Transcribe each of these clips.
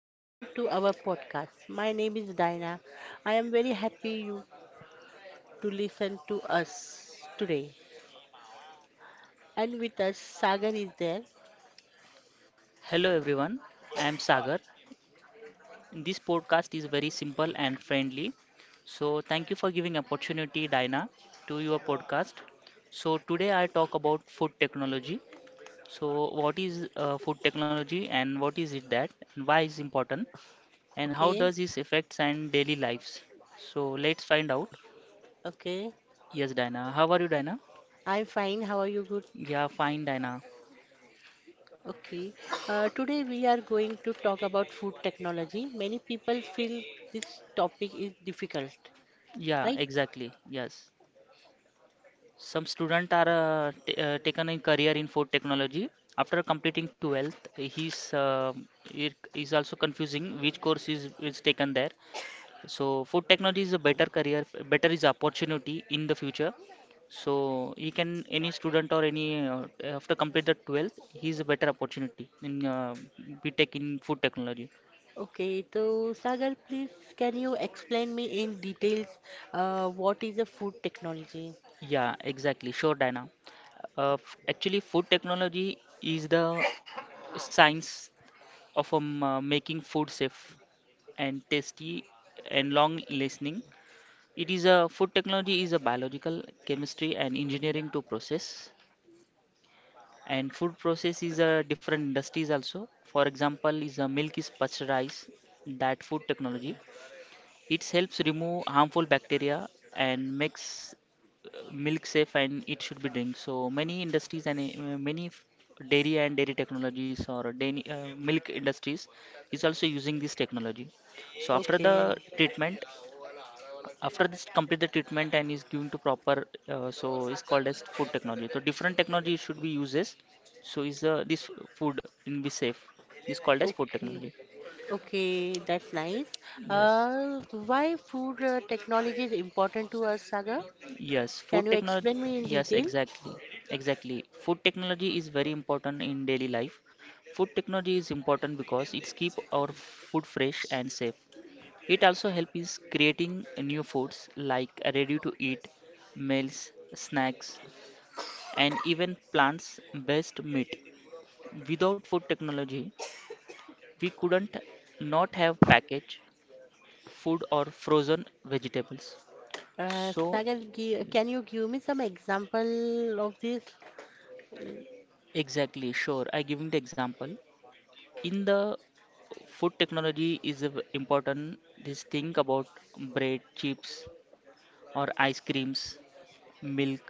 welcome to our podcast. My name is Diana. I am very happy you to listen to us today. And with us, Sagar is there. Hello everyone, I am Sagar. This podcast is very simple and friendly. So thank you for giving opportunity Dina to your podcast. So today I talk about food technology. So what is food technology and what is it that and why is important and how Okay, does this affects and daily lives? So let's find out. okay. Yes Dina, how are you Dina? I'm fine. How are you? Good. Yeah, fine Dina. Okay. Today we are going to talk about food technology. Many people feel this topic is difficult, Yeah, right? exactly. Yes. Some students are t taken in career in food technology. After completing 12th, he's it is also confusing which course is taken there. So food technology is a better career, better is opportunity in the future. So he can any student or any after complete the 12th, he is a better opportunity in BTech in food technology. Okay. So Sagar, please can you explain me in details what is a food technology? Yeah, exactly. Sure, Dina. Actually, food technology is the science of making food safe and tasty and long listening. It is a food technology is a biological chemistry and engineering to process and food process is a different industries also. For example, is a milk is pasteurized that food technology it helps remove harmful bacteria and makes milk safe and it should be drink. So many industries and dairy and dairy technologies or dairy, milk industries is also using this technology. So after Okay. the treatment, after this complete the treatment and is given to proper, so is called as food technology. So different technology should be uses. So is this food in be safe? This called as food Okay, technology. okay, that's nice. Yes. Uh, why food technology is important to us, Sagar? Yes, Can food you technology. explain me in Yes, detail? exactly. Exactly. Food technology is very important in daily life. Food technology is important because it's keep our food fresh and safe. It also helps is creating new foods like ready to eat meals, snacks, and even plants based meat. Without food technology, we couldn't not have packaged food or frozen vegetables. So Can you give me some example of this? exactly, sure. I giving the example in the food technology is a important. This think about bread, chips, or ice creams, milk,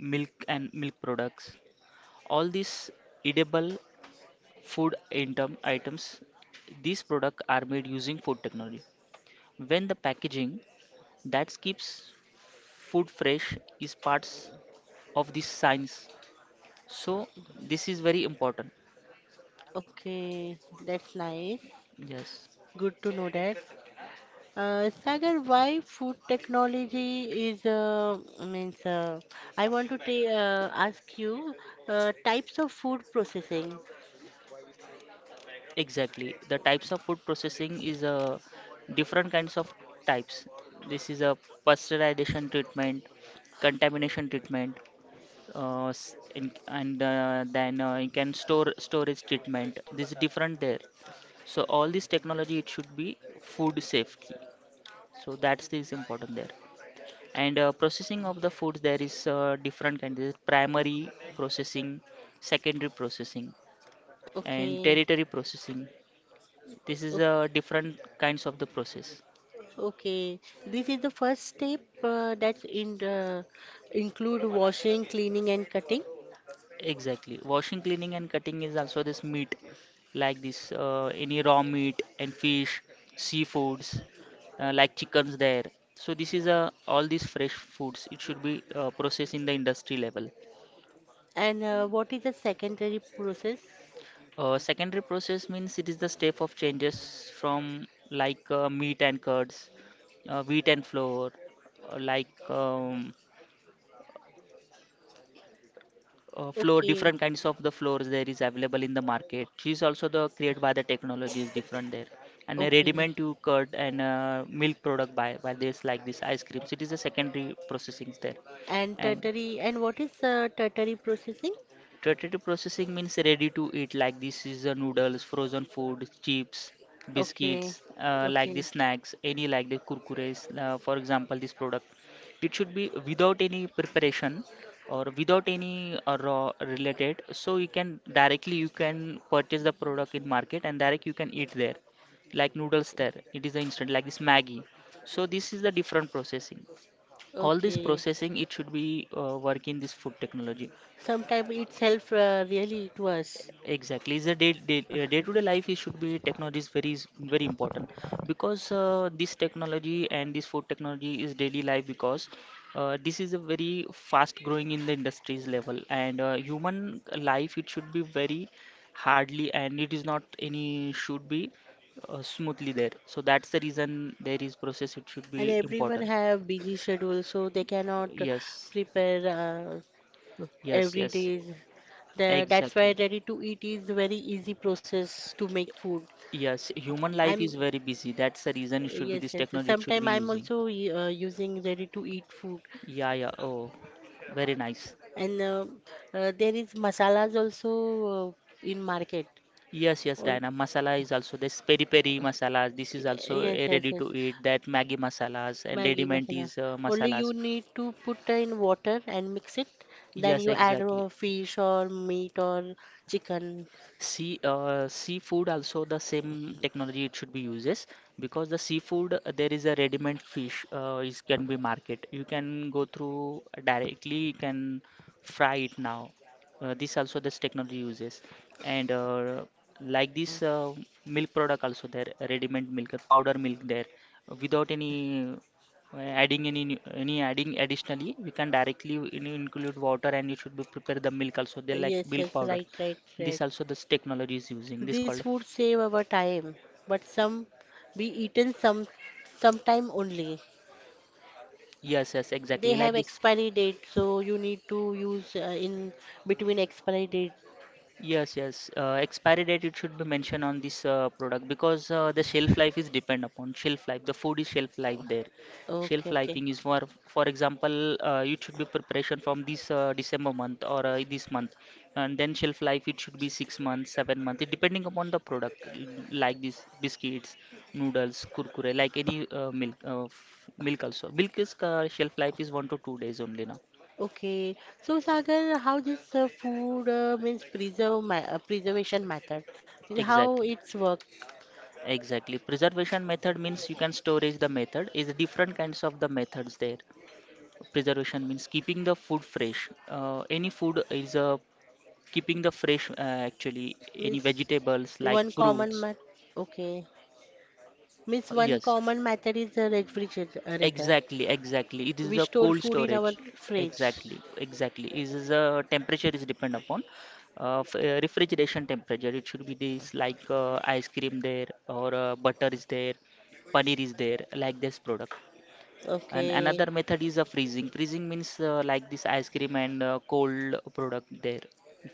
milk and milk products. All these edible items, these products are made using food technology. When the packaging that keeps food fresh is parts of this science. So this is very important. Okay, that's nice. Yes. Good to know that. Sagar, why food technology is means I want to ask you types of food processing. Exactly. The types of food processing is different kinds of types. This is a pasteurization treatment, contamination treatment, s- in, and then you can store storage treatment. This is different there. So all this technology it should be food safety. So that's this important there. And processing of the foods there is different kind. There is primary processing, secondary processing, and Okay, territory processing this is okay. a different kinds of the process. Okay, this is the first step that include washing, cleaning, and cutting. Exactly. Washing, cleaning, and cutting is also this meat, like this any raw meat and fish, seafoods, like chickens there. So this is a all these fresh foods. It should be processed in the industry level. And what is the secondary process? Secondary process means it is the step of changes from like meat and curds, wheat and flour, uh, like um, floor Okay, different kinds of the floors there is available in the market she's also the created by the technology is different there and a okay. ready-made to curd and milk product by this like this ice creams it is a secondary processing there And and tertiary, and what is tertiary processing? potato processing means ready to eat, like this is noodles, frozen food, chips, Okay, biscuits, like okay, the snacks, any like the kurkures, for example, this product. It should be without any preparation or without any raw related. So you can directly you can purchase the product in market and direct you can eat there, like noodles there. It is the instant like this Maggie. So this is the different processing. All this okay. processing it should be work in this food technology. Sometimes it's help really to us. Exactly, it's a day-to-day life. It should be technology is very important because this technology and this food technology is daily life because this is a very fast growing in the industries level and human life it should be very hardly and it is not any should be smoothly there. So that's the reason there is process. It should And be everyone important. have busy schedule, so they cannot Yes, prepare uh, yes, every yes. day. The, that's why Exactly. ready to eat is very easy process to make food. Yes, human life I'm is very busy. That's the reason it should be yes, this yes. technology it should Sometimes be I'm using. also using ready to eat food, Yeah, yeah. Oh, very nice. and there is masalas also uh, in market. Yes, yes, On- Diana. Masala is also this peri peri masalas. This is also yes, a yes, ready yes. to eat. That Maggi masalas and Maggi ready-made masala. is Only masalas. you need to put in water and mix it. Then Yes, you add exactly. Fish or meat or chicken. Seafood also the same technology it should be uses because the seafood there is a ready-made fish is can be market. You can go through directly. You can fry it now. This also this technology uses and like this milk product also there ready-made milk powder milk there without any any adding additionally we can directly include water and you should be prepare the milk also they like Yes, milk yes, powder, right, right, this right. also this technology is using this called This a would save our time, but some be eaten some sometime only. yes yes They exactly have like this, expiry date, so you need to use in between expiry date. yes yes. Uh, expiry date it should be mentioned on this product because the shelf life is depend upon shelf life the food is shelf life there, shelf Okay, okay, lifing is for example it should be preparation from this December month or this month, and then shelf life it should be 6 months 7 months it depending upon the product, like this biscuits noodles kurkure like any milk also milk is shelf life is 1 to 2 days only now. okay. So Sagar, how this food means preserve ma preservation method? How Exactly. it's work? Exactly. Preservation method means you can storage the method is different kinds of the methods there. Preservation means keeping the food fresh. Any food is keeping the fresh actually any Means vegetables one like common fruits. method. Okay, means one Yes. common method is a refrigerator. Exactly, exactly. It is We a store cold food in our storage. fridge. Exactly, exactly. It is a temperature is depend upon refrigeration temperature. It should be this like ice cream there or butter is there, paneer is there like this product. And Okay. another method is a freezing. Freezing means like this ice cream and cold product there.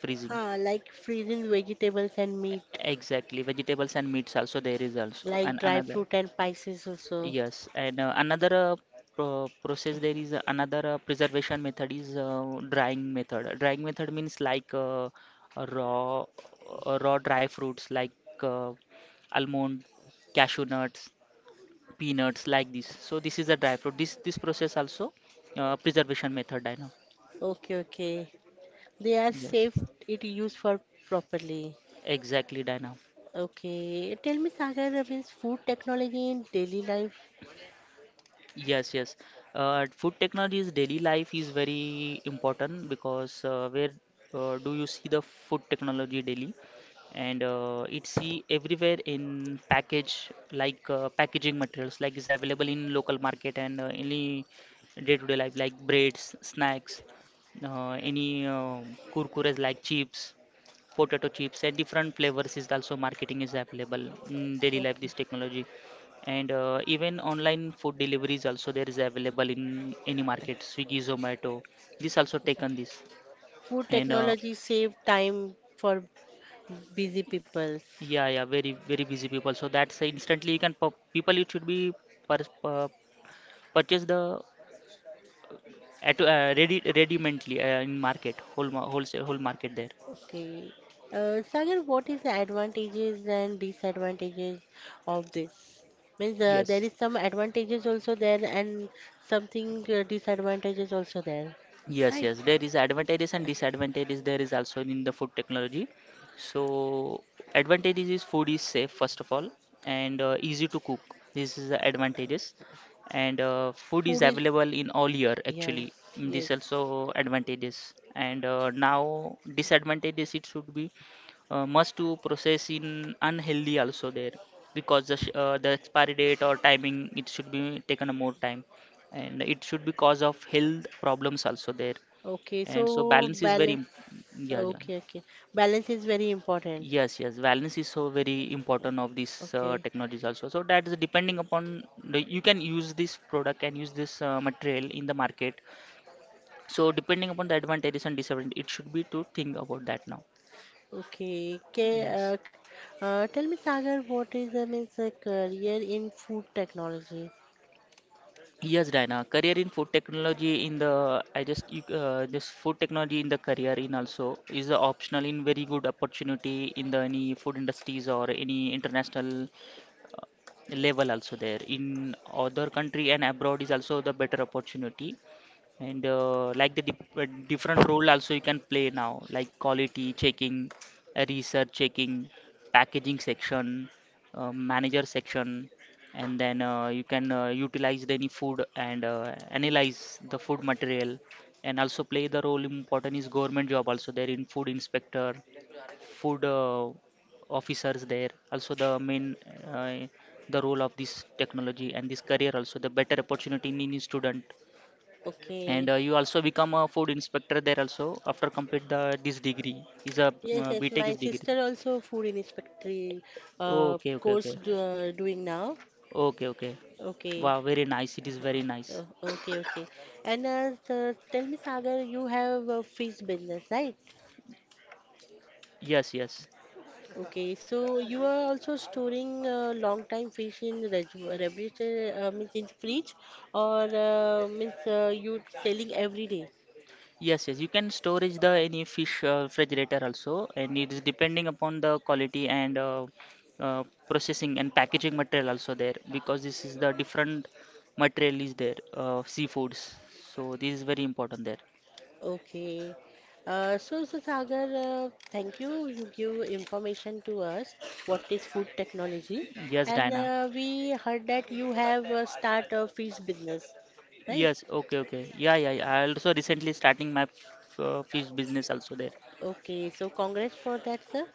Freezing. Huh, like freezing vegetables and meat, Exactly. Vegetables and meats also there is also. like And dry another. fruit and spices also. Yes. And another pro process there is another preservation method is drying method. Drying method means like raw raw dry fruits like uh, almond, cashew nuts, peanuts like this. So this is a dry fruit. This process also preservation method I know. Okay, okay. They are Yes, safe it used for properly. exactly, Dina. Okay. Tell me, Sagar, means food technology in daily life. Yes, yes. Food technology's daily life is very important because where do you see the food technology daily? And it's see everywhere in package like packaging materials like is available in local market and any day-to-day life like breads, snacks, any kurkures like chips, potato chips and different flavors is also marketing is available in daily life Okay. this technology, and even online food deliveries also there is available in any market, Swiggy, Zomato, this also Okay. taken this Food and technology save time for busy peoples. yeah yeah, very very busy people, so that's instantly you can people it should be per, uh, purchase the at ready mentally in market, whole wholesale whole market there, Okay. Sagar, what is the advantages and disadvantages of this? Means there yes. is some advantages also there and something disadvantages also there, Yes, right? yes, there is advantages and disadvantages. There is also in the food technology. So advantages is food is safe first of all, and easy to cook. This is the advantages, and food is Food is available in all year yes, actually. Mm, yes. this also advantages. And now disadvantages it should be must to process in unhealthy also there because the the expiry date or timing it should be taken a more time and it should be cause of health problems also there Okay, and so so balance is very balance. Yeah yeah, Okay, okay. Balance is very important. yes yes, balance is so very important of these Okay, technologies also, so that is depending upon the, you can use this product and use this material in the market, so depending upon the advantages and disadvantages it should be to think about that now, okay. Okay. yes. Tell me, Sagar, what is means a career in food technology? Yes, Diana. Career in food technology in the I just you, this food technology in the career in also is a optional in very good opportunity in the any food industries or any international level also there in other country and abroad is also the better opportunity. And like the different role also you can play now, like quality checking, research checking, packaging section, manager section. And then you can utilize any food and analyze the food material, and also play the role important is government job also there in food inspector, food officers there also the main uh, the role of this technology, and this career also the better opportunity in any student. Okay. And you also become a food inspector there also after complete the this degree is a Yes, yes. btech My is degree. sister also food inspectory uh, Okay, okay, course okay. do, uh, doing now. Okay, okay. Okay, Wow, very nice, it is very nice. Okay, okay. And so tell me, Sagar, you have a fish business, right? Yes, yes. Okay, so you are also storing long time fish in refrigerator, means in fridge, or means you selling every day? Yes, yes, you can storage the any fish refrigerator also, and it is depending upon the quality and uh, processing and packaging material also there, because this is the different material is there, seafoods. So this is very important there. Okay. So Sagar, thank you. You give information to us what is food technology, Yes, and Diana. We heard that you have start a fish business, right? Yes, okay, okay. Yeah, yeah, yeah. I also recently starting my fish business also there. Okay. So, congrats for that, sir.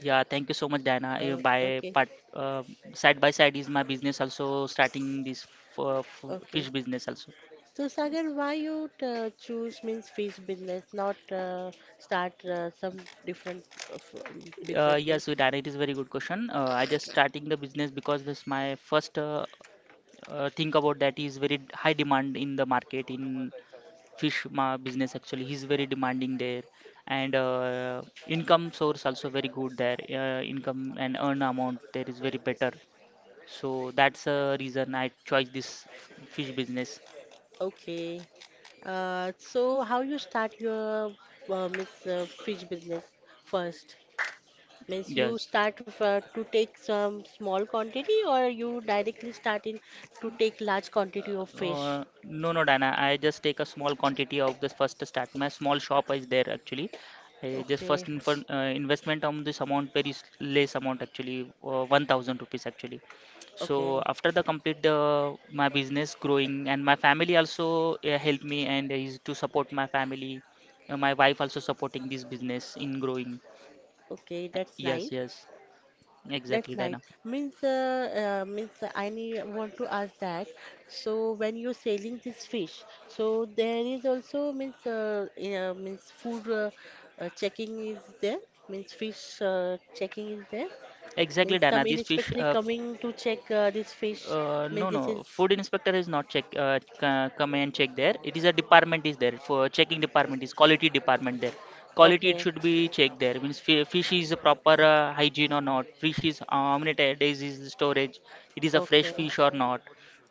Yeah, thank you so much, Diana. You by Okay. part, side by side is my business also starting this Okay. fish business also. So, Sagar, why you choose means fish business, not start some different uh, f- businesses? Yes, so Diana, it is very good question. I just starting the business because this my first think about that is very high demand in the market in fish ma business, actually he's very demanding there. And income source also very good there, income and earn amount there is very better. So that's a reason I choice this fish business. Okay. So how you start your means fish business first? Means you Yes. start to take some small quantity or you directly start in to take large quantity of fish? No, no, Dana. I just take a small quantity of this first start. My small shop is there actually. I just first Okay. infor investment on this amount, very less amount actually, 1000 rupees actually. So Okay. after the complete the my business growing and my family also help me and is to support my family. My wife also supporting this business in growing. Okay, that's Yes, nice. yes, That's exactly, nice. Dana. Means, means I need, want to ask that. So when you're selling this fish, so there is also means means food checking is there. Means fish checking is there. Means Exactly, some Dana. This fish inspector coming to check this fish. No, Means this no. is Food inspector is not check. Come and check there. It is a department is there for checking, department is quality department there. Quality it okay. should be checked there. Means fish is a proper hygiene or not. Fish is how many days is the storage. It is a fresh Okay, fish or not.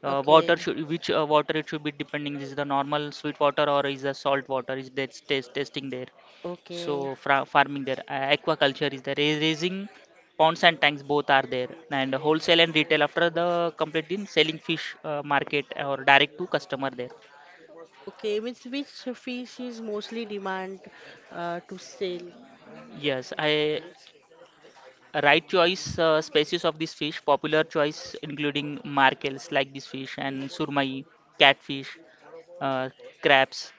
Water okay, should which water it should be depending is the normal sweet water or is the salt water, is that test testing there. okay, So farming there, aquaculture is there, raising ponds and tanks, both are there, and wholesale and retail after the completing selling fish market or direct to customer there. okay. Means which fish is mostly demand to sell? Yes, I right choice species of this fish, popular choice including markels like this fish and surmai, catfish, uh, crabs,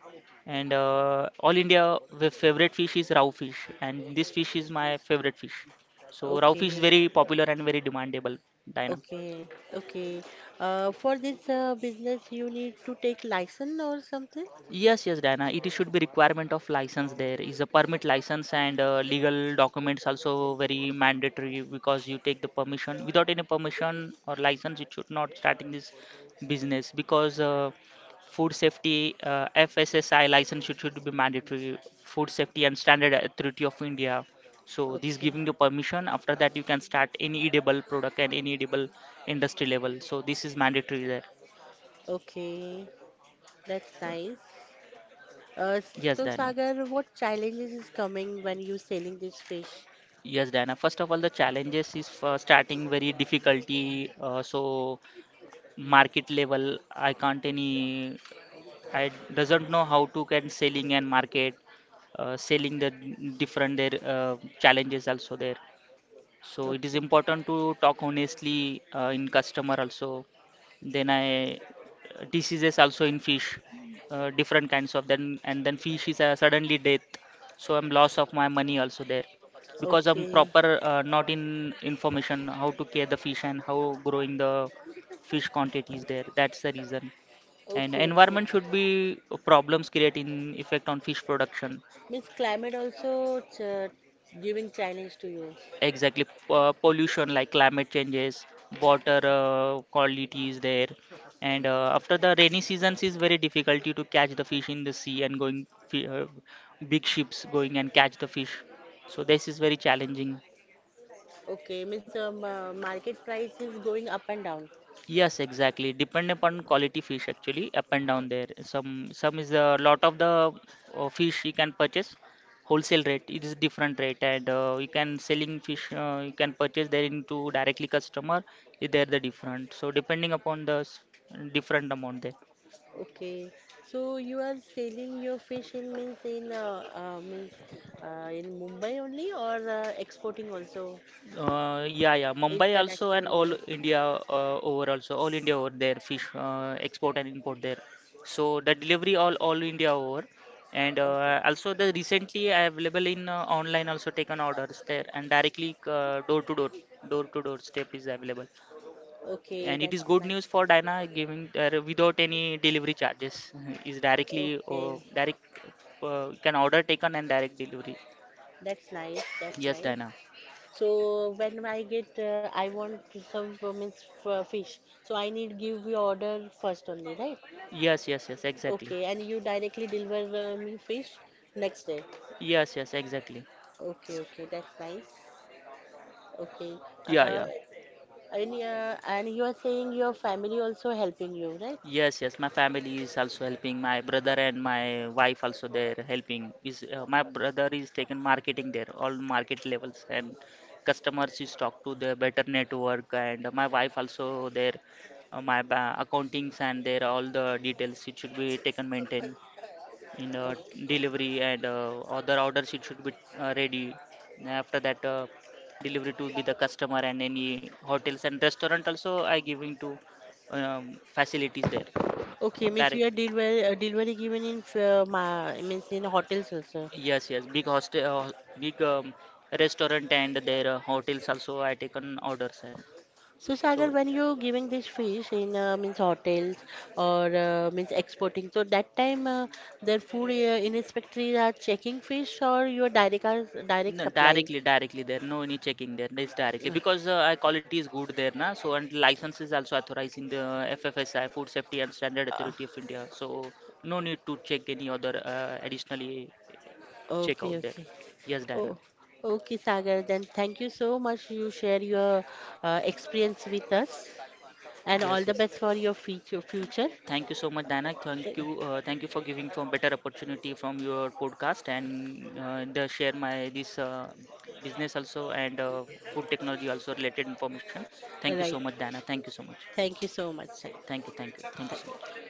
and all India the favorite fish is raw fish, and this fish is my favorite fish. So raw fish is Okay, very popular and very demandable, Diana. okay, okay. For this business, you need to take license or something? Yes, yes, Diana. It should be requirement of license. There is a permit license and legal documents also very mandatory, because you take the permission. Without any permission or license, it should not starting this business, because food safety FSSI license should be mandatory. Food safety and standard authority of India. So this Okay, giving the permission. After that, you can start any edible product and any edible industry level. So this is mandatory there. okay. That's nice. Uh, Yes, so Diana. Sagar, what challenges is coming when you selling this fish? Yes, Diana. First of all, the challenges is for starting very difficulty. So market level, I can't any. I doesn't know how to can selling and market, selling the different there challenges also there. So it is Okay, important to talk honestly in customer also. Then I diseases also in fish, different kinds of, then and then fish is suddenly death. So I'm loss of my money also there, because I'm okay, proper not in information how to care the fish and how growing the fish quantities there. That's the reason. And okay, okay. environment should be problems creating effect on fish production. Means climate also ch giving challenge to you. Exactly, pollution like climate changes, water quality is there, and after the rainy seasons is very difficult to catch the fish in the sea and going big ships going and catch the fish. So this is very challenging. Okay, means market price is going up and down. Yes, exactly. Depend upon quality fish actually, up and down there. Some is a lot of the fish you can purchase wholesale rate. It is different rate, and you can selling fish, you can purchase there into directly customer. There the different. So depending upon the different amount there. Okay, so you are selling your fish in means in means in Mumbai only or exporting also Yeah, yeah. Mumbai also international and all level? India over also, all India over there fish export and import there. So the delivery all India over, and Okay, also the recently available in online also, taken orders there, and directly door to door step is available. okay, And it that's is good news nice. for Dyna, giving there without any delivery charges. Is directly Okay, direct can order taken and direct delivery. that's nice. That's Yes, nice. Dyna. So when I get, I want to some means fish. So I need give you order first only, right? Yes, yes, yes, exactly. Okay, and you directly deliver me fish next day. Yes, yes, exactly. Okay, okay, that's nice. Okay. Yeah, Uh, yeah. And yeah, and you are saying your family also helping you, right? Yes, yes. My family is also helping. My brother and my wife also there helping. Is my brother is taking marketing there, all market levels, and customers is talk to the better network, and my wife also there. My accountings and there all the details it should be taken maintain in Okay, delivery and other orders it should be ready. After that delivery to be the customer, and any hotels and restaurant also I giving to, um, facilities there. okay, means you Direct, are delivery delivery given in means in hotels also. yes, yes, big hostel, big, restaurant and their hotels also I taken orders, and So so Sagar, when you giving this fish in means hotels or means exporting, so that time their food inspectors are checking fish or you are direct no, supplying. directly, directly there. No any checking there. It's directly Uh, because our quality is good there, na. So, and license is also authorized in the FFSI, Food Safety and Standard uh, Authority of India. So no need to check any other additionally check okay, out there. okay. Yes, Oh, Diana. okay, Sagar. Then thank you so much. You share your experience with us. And Yes, all the yes. best for your future future. Thank you so much, Diana. Th- Thank you for giving from better opportunity from your podcast, and the share my this business also, and food technology also related information. Thank you so Right. much, Diana. Thank you so much. Thank you so much. Thank you, thank you, thank you so much.